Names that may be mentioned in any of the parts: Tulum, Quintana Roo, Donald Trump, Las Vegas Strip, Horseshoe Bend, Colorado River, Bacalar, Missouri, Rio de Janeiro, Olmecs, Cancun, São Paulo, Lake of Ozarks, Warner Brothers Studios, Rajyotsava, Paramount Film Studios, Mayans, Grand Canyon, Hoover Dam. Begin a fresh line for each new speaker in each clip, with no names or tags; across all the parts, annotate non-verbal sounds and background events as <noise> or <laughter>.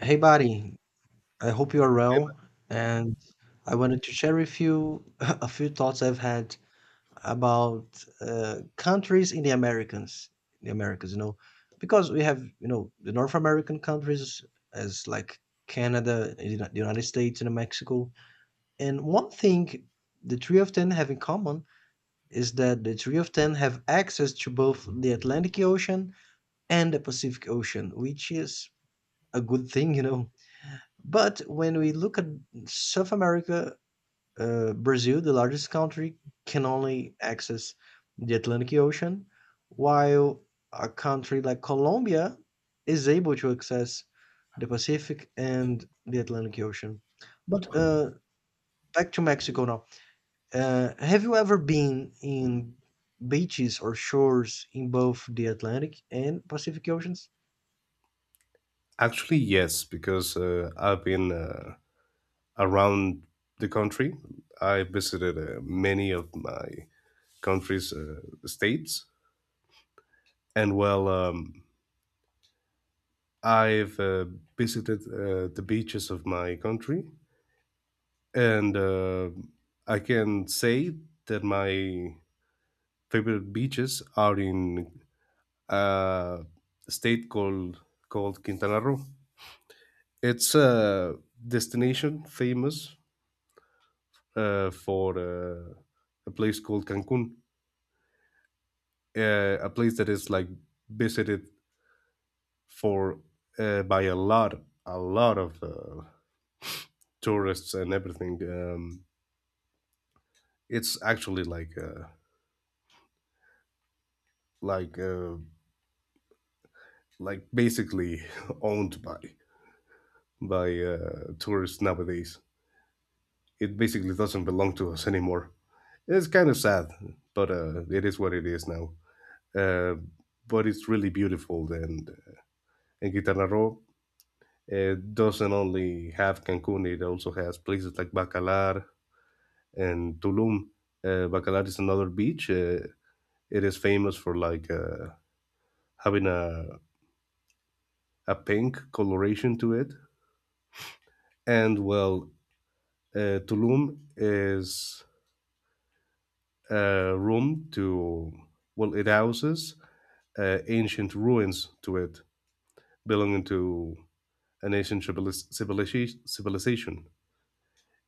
Hey, buddy, I hope you are well. And I wanted to share with you <laughs> a few thoughts I've had about countries in the Americans, the Americas, you know, because we have, you know, the North American countries as like Canada, the United States, and Mexico. And one thing the three of them have in common is that the three of them have access to both the Atlantic Ocean and the Pacific Ocean, which is a good thing, you know, but when we look at South America, Brazil, the largest country, can only access the Atlantic Ocean, while a country like Colombia is able to access the Pacific and the Atlantic Ocean. But back to Mexico now. Have you ever been in beaches or shores in both the Atlantic and Pacific Oceans?
Actually, yes, because I've been around the country. I visited many of my country's states, and I've visited the beaches of my country, and I can say that my favorite beaches are in uh, a state called Quintana Roo. It's a destination famous for a place called Cancun, a place that is like visited for by a lot of tourists and everything. It's actually like uh, like basically <laughs> owned by by tourists nowadays. It basically doesn't belong to us anymore. It's kind of sad, but it is what it is now. Uh, but it's really beautiful, and in Quintana Roo, it doesn't only have Cancun, it also has places like Bacalar and Tulum. Bacalar is another beach. It is famous for like having a pink coloration to it. And well, Tulum is a room to, well, it houses ancient ruins to it belonging to an ancient civilization.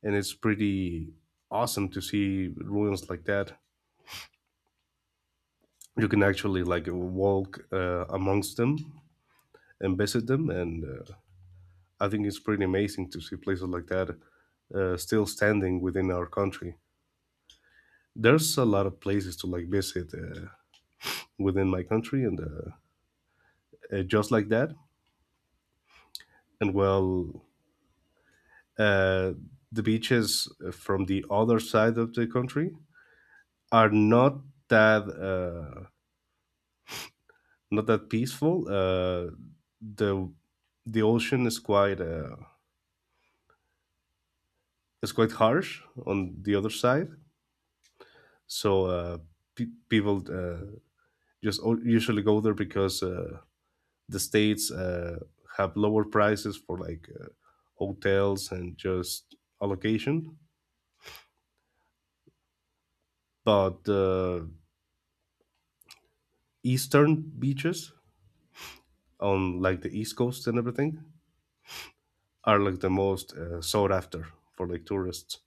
And it's pretty awesome to see ruins like that. You can actually like walk amongst them and visit them, and I think it's pretty amazing to see places like that still standing within our country. There's a lot of places to like visit within my country, and just like that. And uh, the beaches from the other side of the country are not that uh, not that peaceful. Uh, the the ocean is quite it's quite harsh on the other side. So people just usually go there because the states have lower prices for like hotels and just allocation. But the eastern beaches on like the east coast and everything are like the most sought after for like tourists.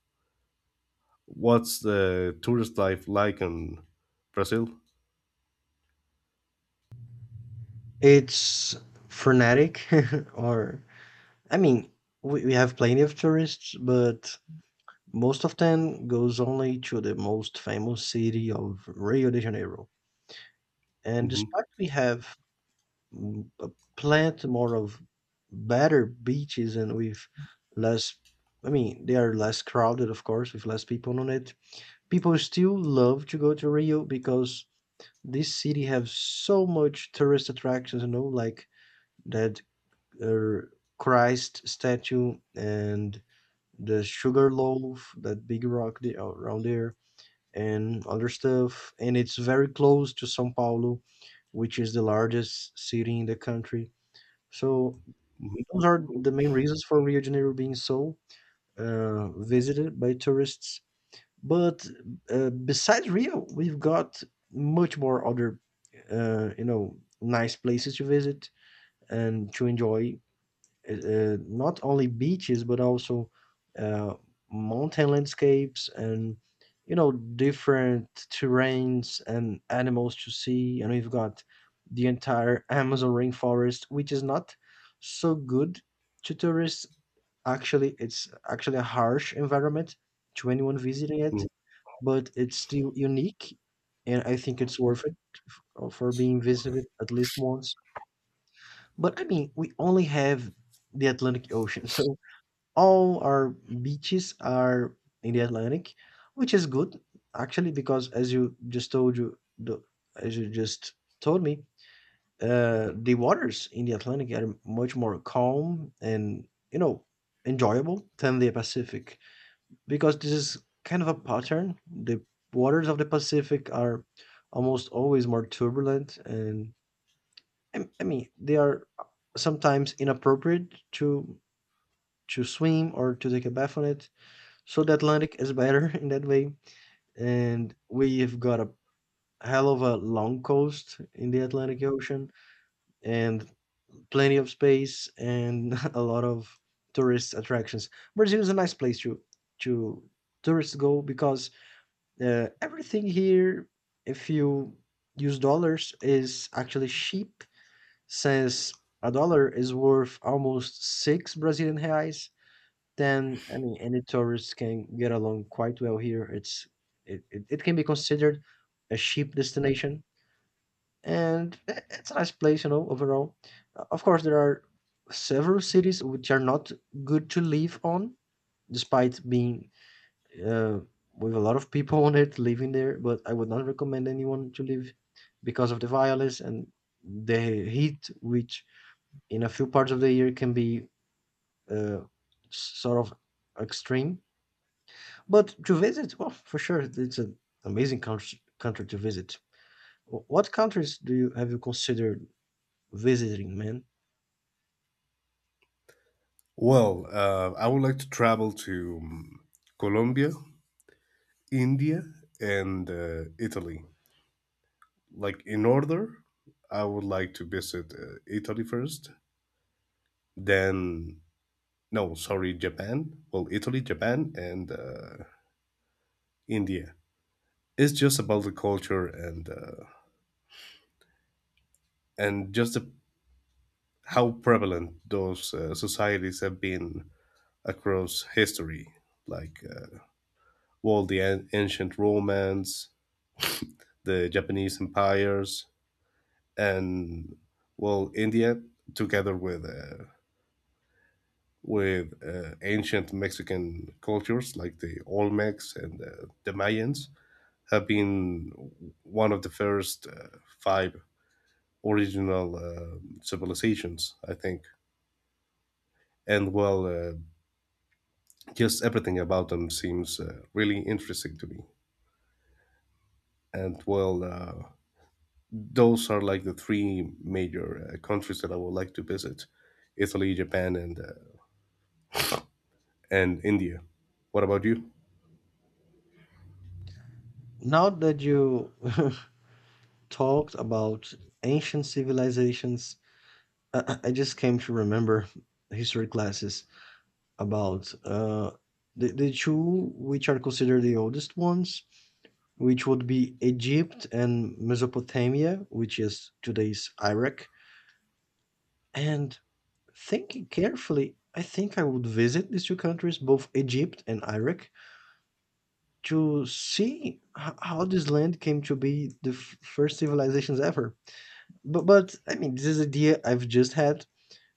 What's the tourist life like in Brazil?
It's frenetic <laughs> or I mean, we have plenty of tourists, but most of them goes only to the most famous city of Rio de Janeiro. And
hmm
despite we have a plenty more of better beaches and with less, I mean, they are less crowded, of course, with less people on it. People still love to go to Rio because this city has so much tourist attractions, you know, like that uh, Christ statue and the sugar loaf, that big rock around there, and other stuff. And it's very close to São Paulo, which is the largest city in the country. So
hmm
those are the main reasons for Rio de Janeiro being so visited by tourists. But besides Rio, we've got much more other, you know, nice places to visit and to enjoy not only beaches but also uh, mountain landscapes and, you know, different terrains and animals to see. And we've got the entire Amazon rainforest, which is not so good to tourists. Actually, it's actually a harsh environment to anyone visiting it, but it's still unique, and I think it's worth it for being visited at least once. But I mean, we only have the Atlantic Ocean, <laughs> so all our beaches are in the Atlantic, which is good actually because as you just as you just told me, the waters in the Atlantic are much more calm and, you know, enjoyable than the Pacific because this is kind of a pattern. The waters of the Pacific are almost always more turbulent, and I mean they are sometimes inappropriate to swim or to take a bath on it. So the Atlantic is better <laughs> in that way, and we've got a hell of a long coast in the Atlantic Ocean and plenty of space and <laughs> a lot of tourist attractions. Brazil is a nice place to to tourists go because everything here, if you use dollars, is actually cheap, since a dollar is worth almost six Brazilian reais. Then I mean any tourists can get along quite well here. It can be considered a cheap destination, and it's a nice place, you know, overall. Of course there are several cities which are not good to live on, despite being uh, with a lot of people <laughs> on it living there, but I would not recommend anyone to live because of the violence and the heat, which in a few parts of the year can be uh, sort of extreme. But to visit, well, for sure, it's an amazing country to visit. What countries do you have you considered visiting, man?
Well, I would like to travel to Colombia, India, and Italy. Like in order, I would like to visit Italy first, then, no, sorry, Japan. Well, Italy, Japan, and India. It's just about the culture and and just the, how prevalent those societies have been across history, like, well, the ancient Romans, the Japanese empires, and well, India together with with ancient Mexican cultures like the Olmecs and the Mayans have been one of the first five original civilizations, I think. And well, just everything about them seems really interesting to me. And well, those are like the three major countries that I would like to visit: Italy, Japan, and India. What about you?
Now that you <laughs> talked about ancient civilizations, I just came to remember history classes. About the two which are considered the oldest ones, which would be Egypt and Mesopotamia, which is today's Iraq. And thinking carefully, I think I would visit these two countries, both Egypt and Iraq, to see how this land came to be the first civilizations ever. But I mean, this is an idea I've just had,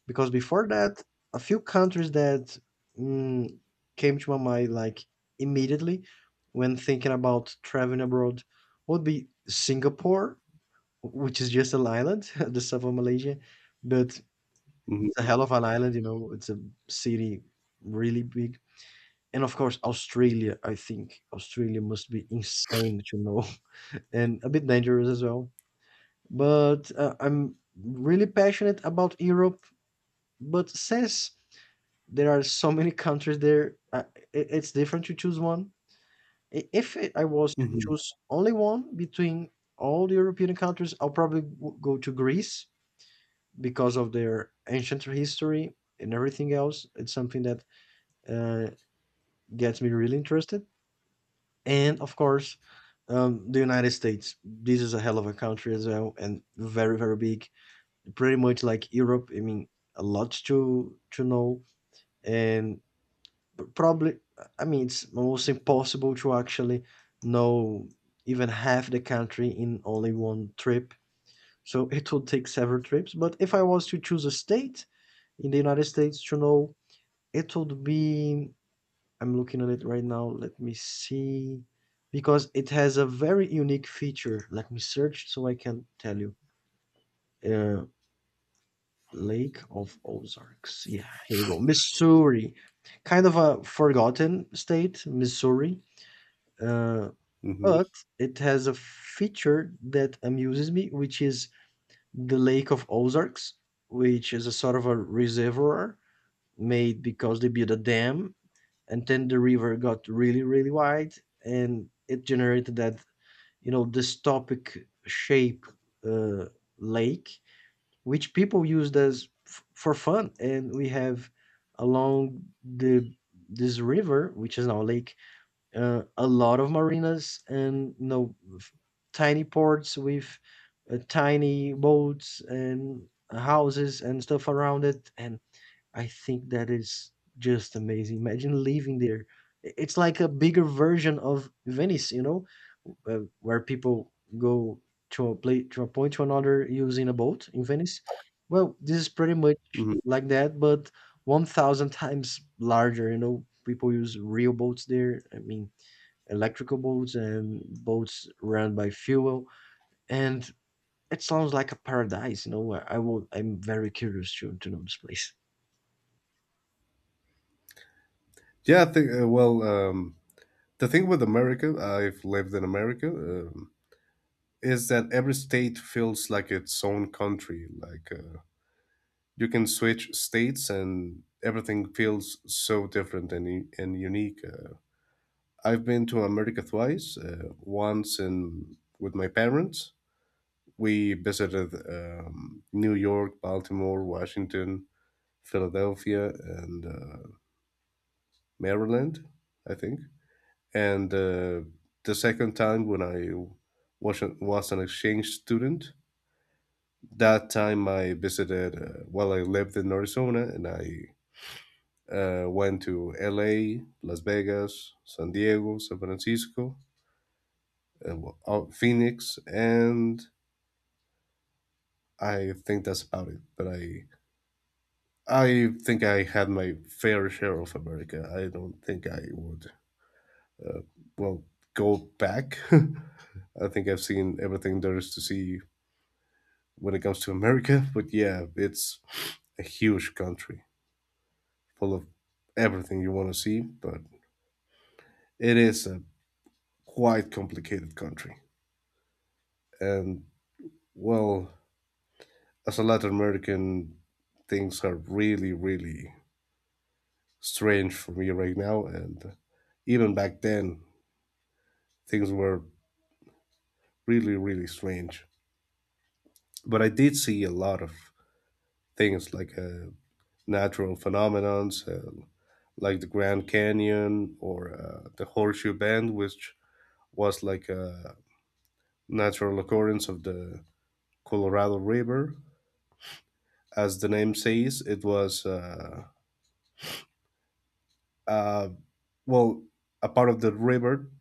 because before that, a few countries that mm, came to my mind, like immediately when thinking about traveling abroad, would be Singapore, which is just an island, <laughs> the south of Malaysia, but it's
Mhm,
a hell of an island, you know, it's a city really big. And of course, Australia. I think Australia must be insane to know <laughs> and a bit dangerous as well. But I'm really passionate about Europe. But since there are so many countries there. It's different to choose one. I- If it, I was to
mhm,
choose only one between all the European countries, I'll probably go to Greece because of their ancient history and everything else. It's something that uh, gets me really interested. And of course, the United States. This is a hell of a country as well, and very very big. Pretty much like Europe. I mean, a lot to know, and probably, I mean, it's almost impossible to actually know even half the country in only one trip. So it would take several trips. But if I was to choose a state in the United States to know, it would be, I'm looking at it right now. Let me see. Because it has a very unique feature. Let me search so I can tell you. Uh, Lake of Ozarks. Yeah, here we go. Missouri. Kind of a forgotten state, Missouri. Uh,
mhm,
but it has a feature that amuses me, which is the Lake of Ozarks, which is a sort of a reservoir made because they built a dam, and then the river got really, really wide, and it generated that, you know, dystopic shape uh, lake, which people used as for fun. And we have along the this river, which is now a lake, a lot of marinas and, you know, tiny ports with tiny boats and houses and stuff around it. And I think that is just amazing. Imagine living there. It's like a bigger version of Venice, you know, where people go to a place, to a point to another, using a boat in Venice. Well, this is pretty much
mhm.
like that, but 1000 times larger. You know, people use real boats there, I mean, electrical boats and boats run by fuel. And it sounds like a paradise, you know. I will. I'm very curious to know this place.
Yeah, I think, the thing with America, I've lived in America, is that every state feels like its own country. You can switch states and everything feels so different and unique. I've been to America twice, once with my parents. We visited New York, Baltimore, Washington, Philadelphia, and Maryland, I think. And the second time when I was an exchange student, that time I visited, I lived in Arizona, and I went to LA, Las Vegas, San Diego, San Francisco, Phoenix, and I think that's about it. But I think I had my fair share of America. I don't think I would, well, go back. <laughs> I think I've seen everything there is to see when it comes to America. <laughs> But yeah, it's a huge country full of everything you want to see, but it is a quite complicated country. And well, as a Latin American, things are really, really strange for me right now. And even back then, things were really, really strange. But I did see a lot of things like natural phenomenons, like the Grand Canyon or the Horseshoe Bend, which was like a natural occurrence of the Colorado River. As the name says, it was uh, well a part of the river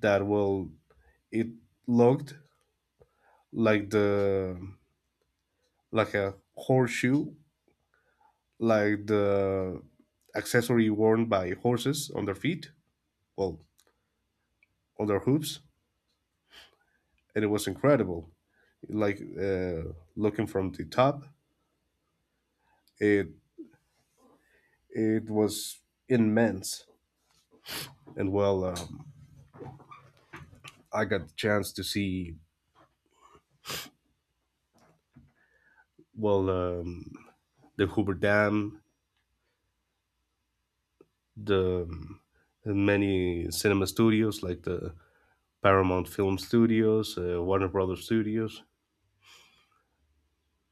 that will it looked like the like a horseshoe, like the accessory worn by horses on their feet, well, on their hooves, and it was incredible. Looking from the top, it it was immense and well. I got the chance to see, well um, the Hoover Dam, the many cinema studios like the Paramount Film Studios, Warner Brothers Studios,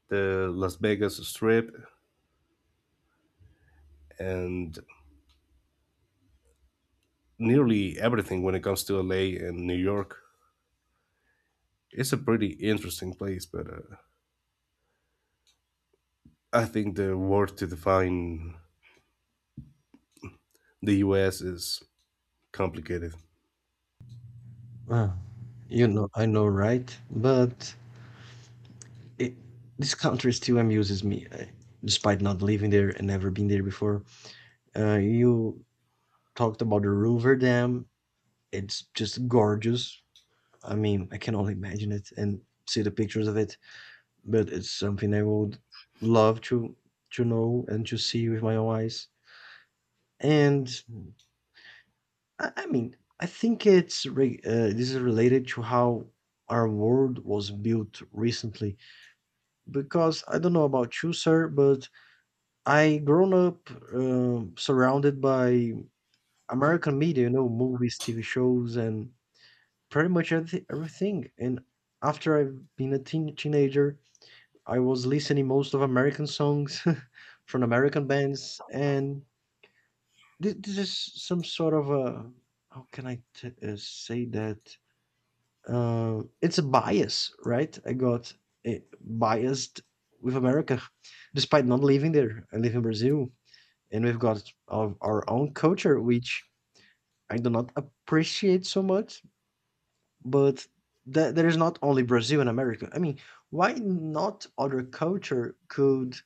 the Las Vegas Strip, and nearly everything when it comes to LA and New York. It's a pretty interesting place, but I think the word to define the U.S. is complicated.
Uh, you know, I know, right? But it, this country still amuses me, despite not living there and never been there before. You talked about the Hoover Dam. It's just gorgeous. I mean, I can only imagine it and see the pictures of it, but it's something I would love to know and to see with my own eyes. And I mean, I think this is related to how our world was built recently. Because I don't know about you, sir, but I grown up surrounded by American media, you know, movies, TV shows, and pretty much everything. And after I've been a teenager, I was listening most of American songs <laughs> from American bands, and Th this is some sort of a, how can I t uh, say that? It's a bias, right? I got biased with America, despite not living there. I live in Brazil, and we've got our own culture, which I do not appreciate so much. But there is not only Brazil and America. I mean, why not other culture could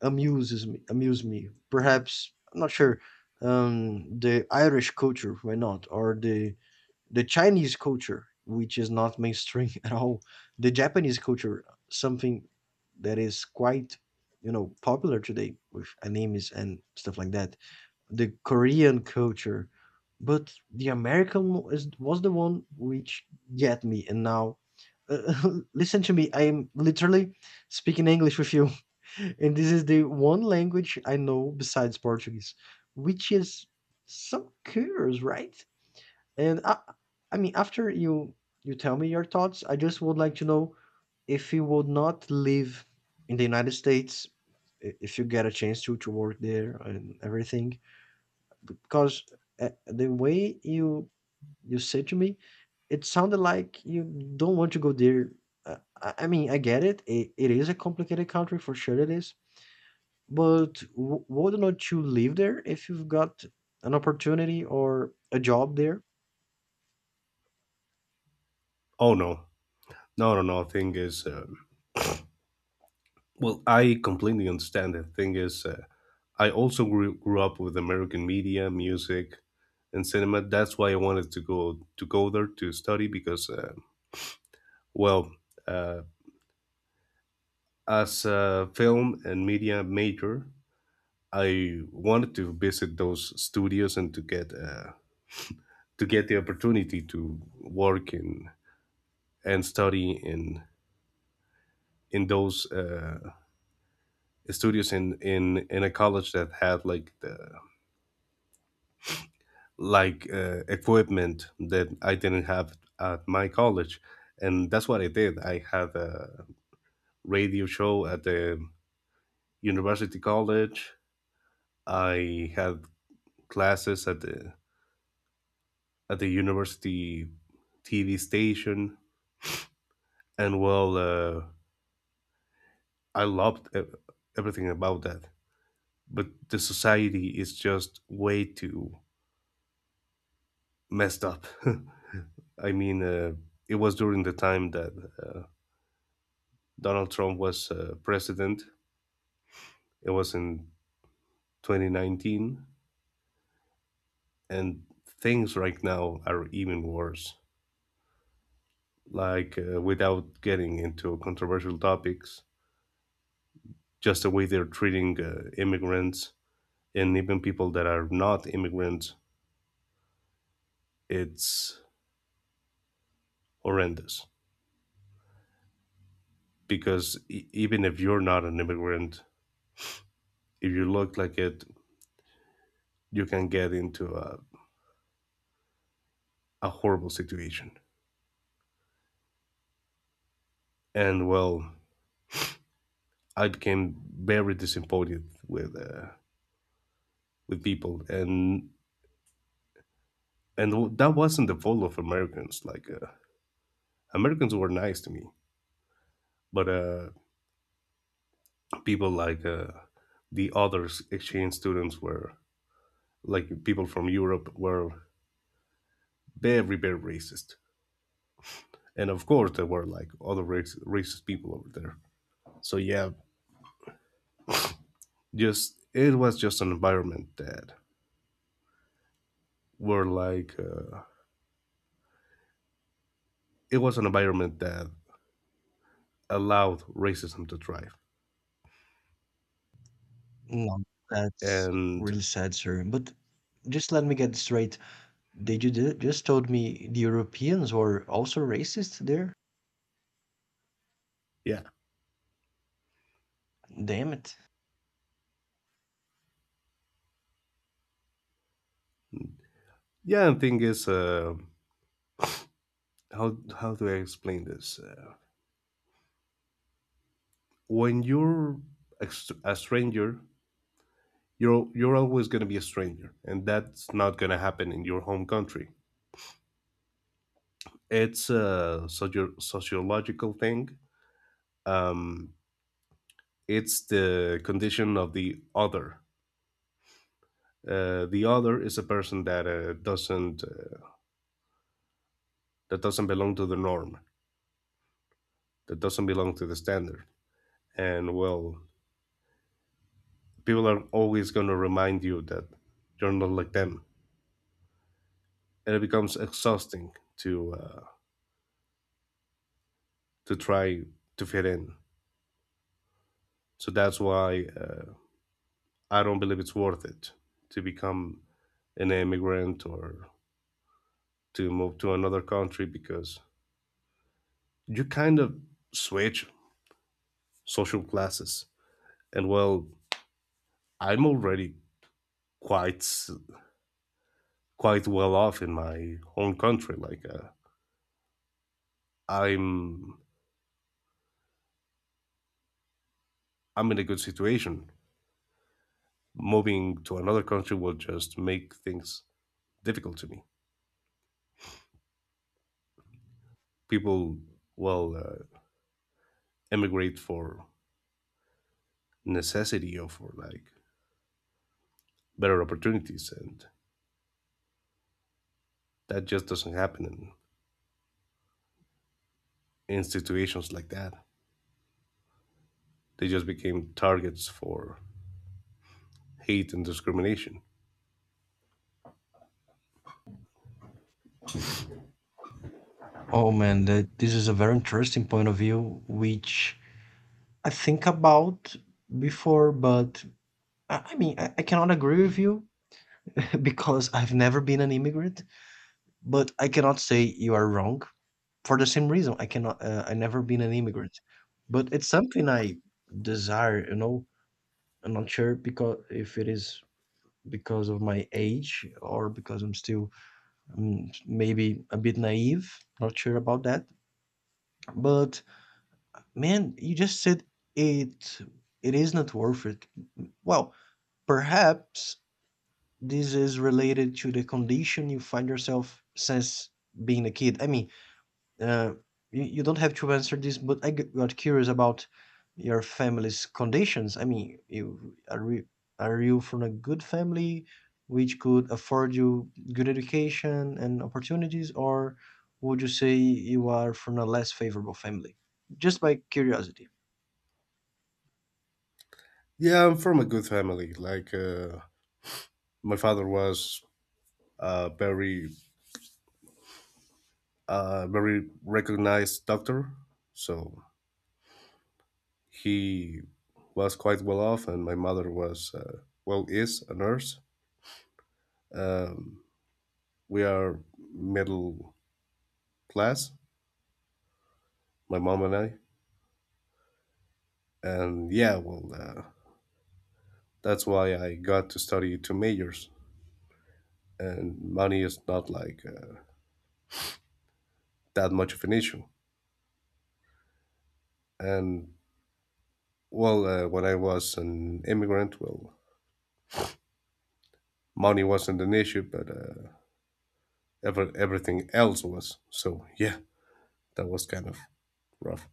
amuse me, perhaps? I'm not sure. The Irish culture, why not, or the Chinese culture, which is not mainstream <laughs> at all, the Japanese culture, something that is quite, you know, popular today with animes and stuff like that, the Korean culture, but the American was the one which get me. And now, <laughs> listen to me. I am literally speaking English with you, <laughs> and this is the one language I know besides Portuguese, which is so curious, right? And I mean, after you tell me your thoughts, I just would like to know if you would not live in the United States, if you get a chance to work there and everything, because the way you said to me, it sounded like you don't want to go there. I mean, I get it. It is a complicated country for sure. It is, but would not you live there if you've got an opportunity or a job there?
Oh no, no, no, no. Thing is, I completely understand. The thing is, I also grew up with American media, music, and cinema. That's why I wanted to go there to study because, well, uh, as a film and media major, I wanted to visit those studios and to get the opportunity to work in and study in those studios in a college that had like the equipment that I didn't have at my college, and that's what I did. I had a radio show at the university college. I had classes at the university TV station, and I loved everything about that. But the society is just way too messed up. <laughs> I mean, it was during the time that uh, Donald Trump was president. It was in 2019, and things right now are even worse. Like, without getting into controversial topics, just the way they're treating immigrants and even people that are not immigrants, it's horrendous. Because even if you're not an immigrant, if you look like it, you can get into a horrible situation. And well, I became very disappointed with people, and that wasn't the fault of Americans. Americans were nice to me, but people like exchange students were like people from Europe were very, very racist, and of course there were like other racist people over there. So yeah, just it was just an environment that were like it was an environment that allowed racism to thrive,
No, that's
and
really sad, sir. But just let me get straight. Did you just told me the Europeans were also racist there?
yeah,
Damn it.
yeah. And thing is, how do I explain this? When you're a stranger, you're always going to be a stranger, and that's not going to happen in your home country. It's a sociological thing. Um, it's the condition of the other. The other is a person that doesn't that doesn't belong to the norm, that doesn't belong to the standard. And well, people are always going to remind you that you're not like them, and it becomes exhausting to uh, to try to fit in. So that's why I don't believe it's worth it to become an immigrant or to move to another country because you kind of switch social classes. And well, I'm already quite s- quite well off in my home country. I'm I'm in a good situation. Moving to another country will just make things difficult to me. People will emigrate for necessity or for like better opportunities, and that just doesn't happen in situations like that. They just became targets for hate and discrimination.
Oh man, that this is a very interesting point of view, which I think about before, but I mean, I cannot agree with you <laughs> because I've never been an immigrant. But I cannot say you are wrong for the same reason. I cannot. I never been an immigrant, but it's something I desire. You know, I'm not sure because if it is because of my age or because I'm still maybe a bit naive. Not sure about that. But man, you just said it. It is not worth it. Well, perhaps this is related to the condition you find yourself since being a kid? I mean, uh, you don't have to answer this, but got curious about your family's conditions. I mean, are you from a good family which could afford you good education and opportunities, or would you say you are from a less favorable family? Just by curiosity.
Yeah, I'm from a good family. My father was a very, very recognized doctor, so he was quite well off, and my mother was, is a nurse. Um, we are middle class, my mom and I, and yeah, that's why I got to study two majors, and money is not that much of an issue. And when I was an immigrant, well, money wasn't an issue, but everything else was. So yeah, that was kind of rough.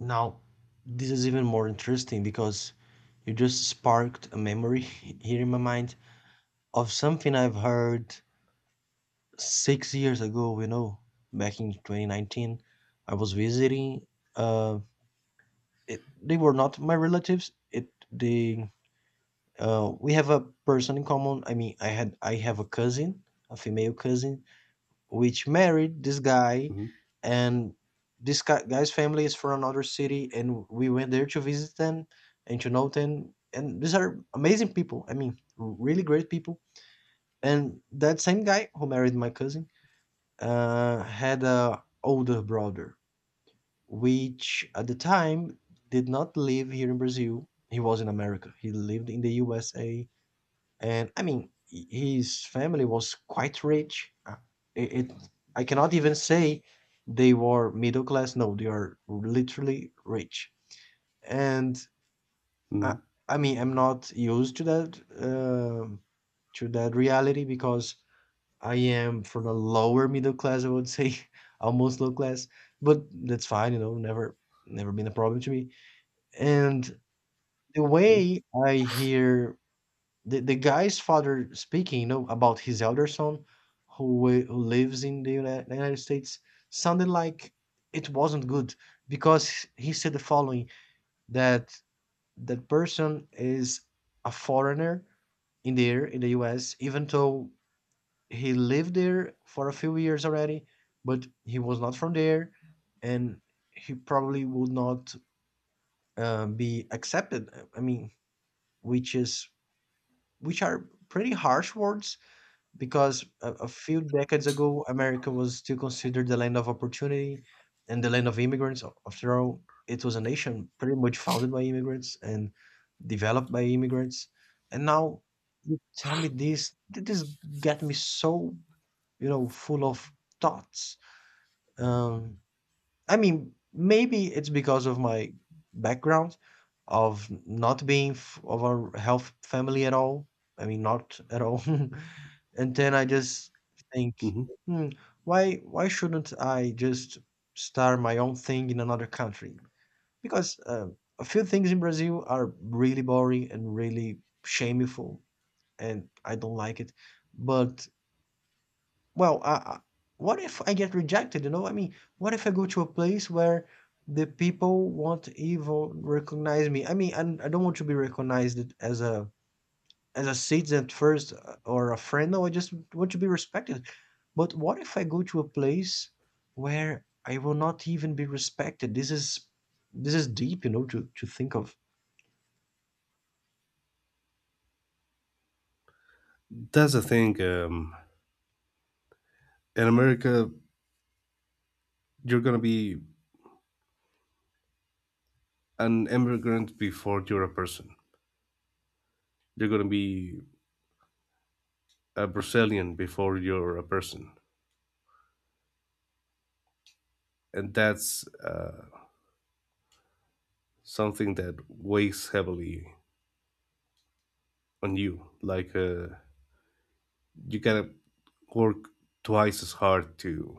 Now, this is even more interesting because you just sparked a memory <laughs> here in my mind, of something I've heard 6 years ago, you know, back in 2019. I was visiting. Uh, they were not my relatives. It they we have a person in common. I mean, I have a cousin, a female cousin, which married this guy,
hmm
and this guy, guy's family is from another city, and we went there to visit them and to know them. And these are amazing people. I mean, really great people. And that same guy who married my cousin had a older brother, which at the time did not live here in Brazil. He was in America. He lived in the USA, and I mean, his family was quite rich. It I cannot even say they were middle class. No, they are literally rich. And I,
hmm
I mean, I'm not used um to that reality because I am from a lower middle class, I would say, <laughs> almost low class, but that's fine, you know, never been a problem to me. And the
hmm
way I hear the guy's father speaking, you know, about his elder son who lives in the United States sounded like it wasn't good because he said the following that that person is a foreigner in there in the US, even though he lived there for a few years already, but he was not from there, and he probably would not be accepted. I mean, which is which are pretty harsh words because a few decades ago, America was still considered the land of opportunity and the land of immigrants. After all, it was a nation pretty much founded by immigrants and developed by immigrants, and now you tell me this. This get me so, you know, full of thoughts. Um, I mean, maybe it's because of my background of not being of a health family at all. I mean, not at all. <laughs> And then I just think,
hmm
hmm, why shouldn't I just start my own thing in another country? Because a few things in Brazil are really boring and really shameful, and I don't like it. But well, what if I get rejected? You know, I mean, what if I go to a place where the people won't even recognize me? I mean, and I don't want to be recognized as a citizen at first or a friend. No, I just want to be respected. But what if I go to a place where I will not even be respected? This is deep, you know, to think of.
That's the thing. In America, you're gonna be an immigrant before you're a person. You're gonna be a Brazilian before you're a person, and that's something that weighs heavily on you. You gotta work twice as hard to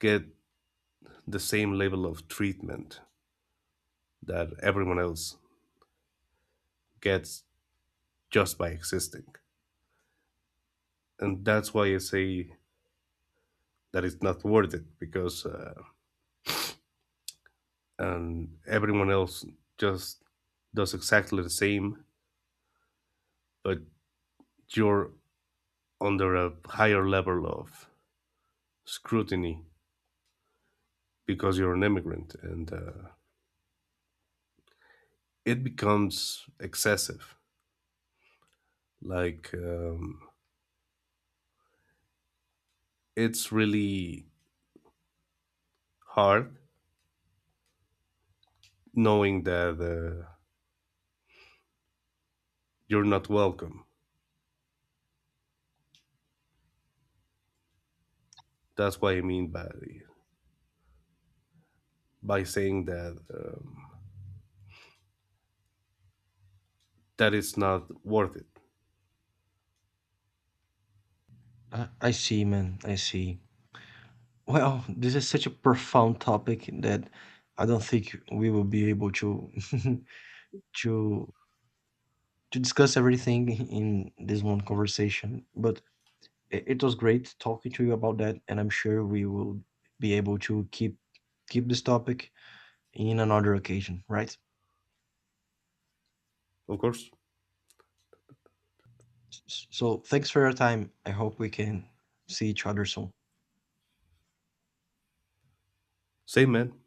get the same level of treatment that everyone else gets just by existing. And that's why I say that it's not worth it because and everyone else just does exactly the same, but you're under a higher level of scrutiny because you're an immigrant, and it becomes excessive. Like um, it's really hard knowing that you're not welcome. That's what I mean by saying that it's not worth it.
I see, man. I see. Well, <laughs> this is such a profound topic that I don't think we will be able to <laughs> to to discuss everything in this one conversation. But it was great talking to you about that, and I'm sure we will be able to keep this topic in another occasion, right?
Of course,
So thanks for your time. I hope we can see each other soon.
same man.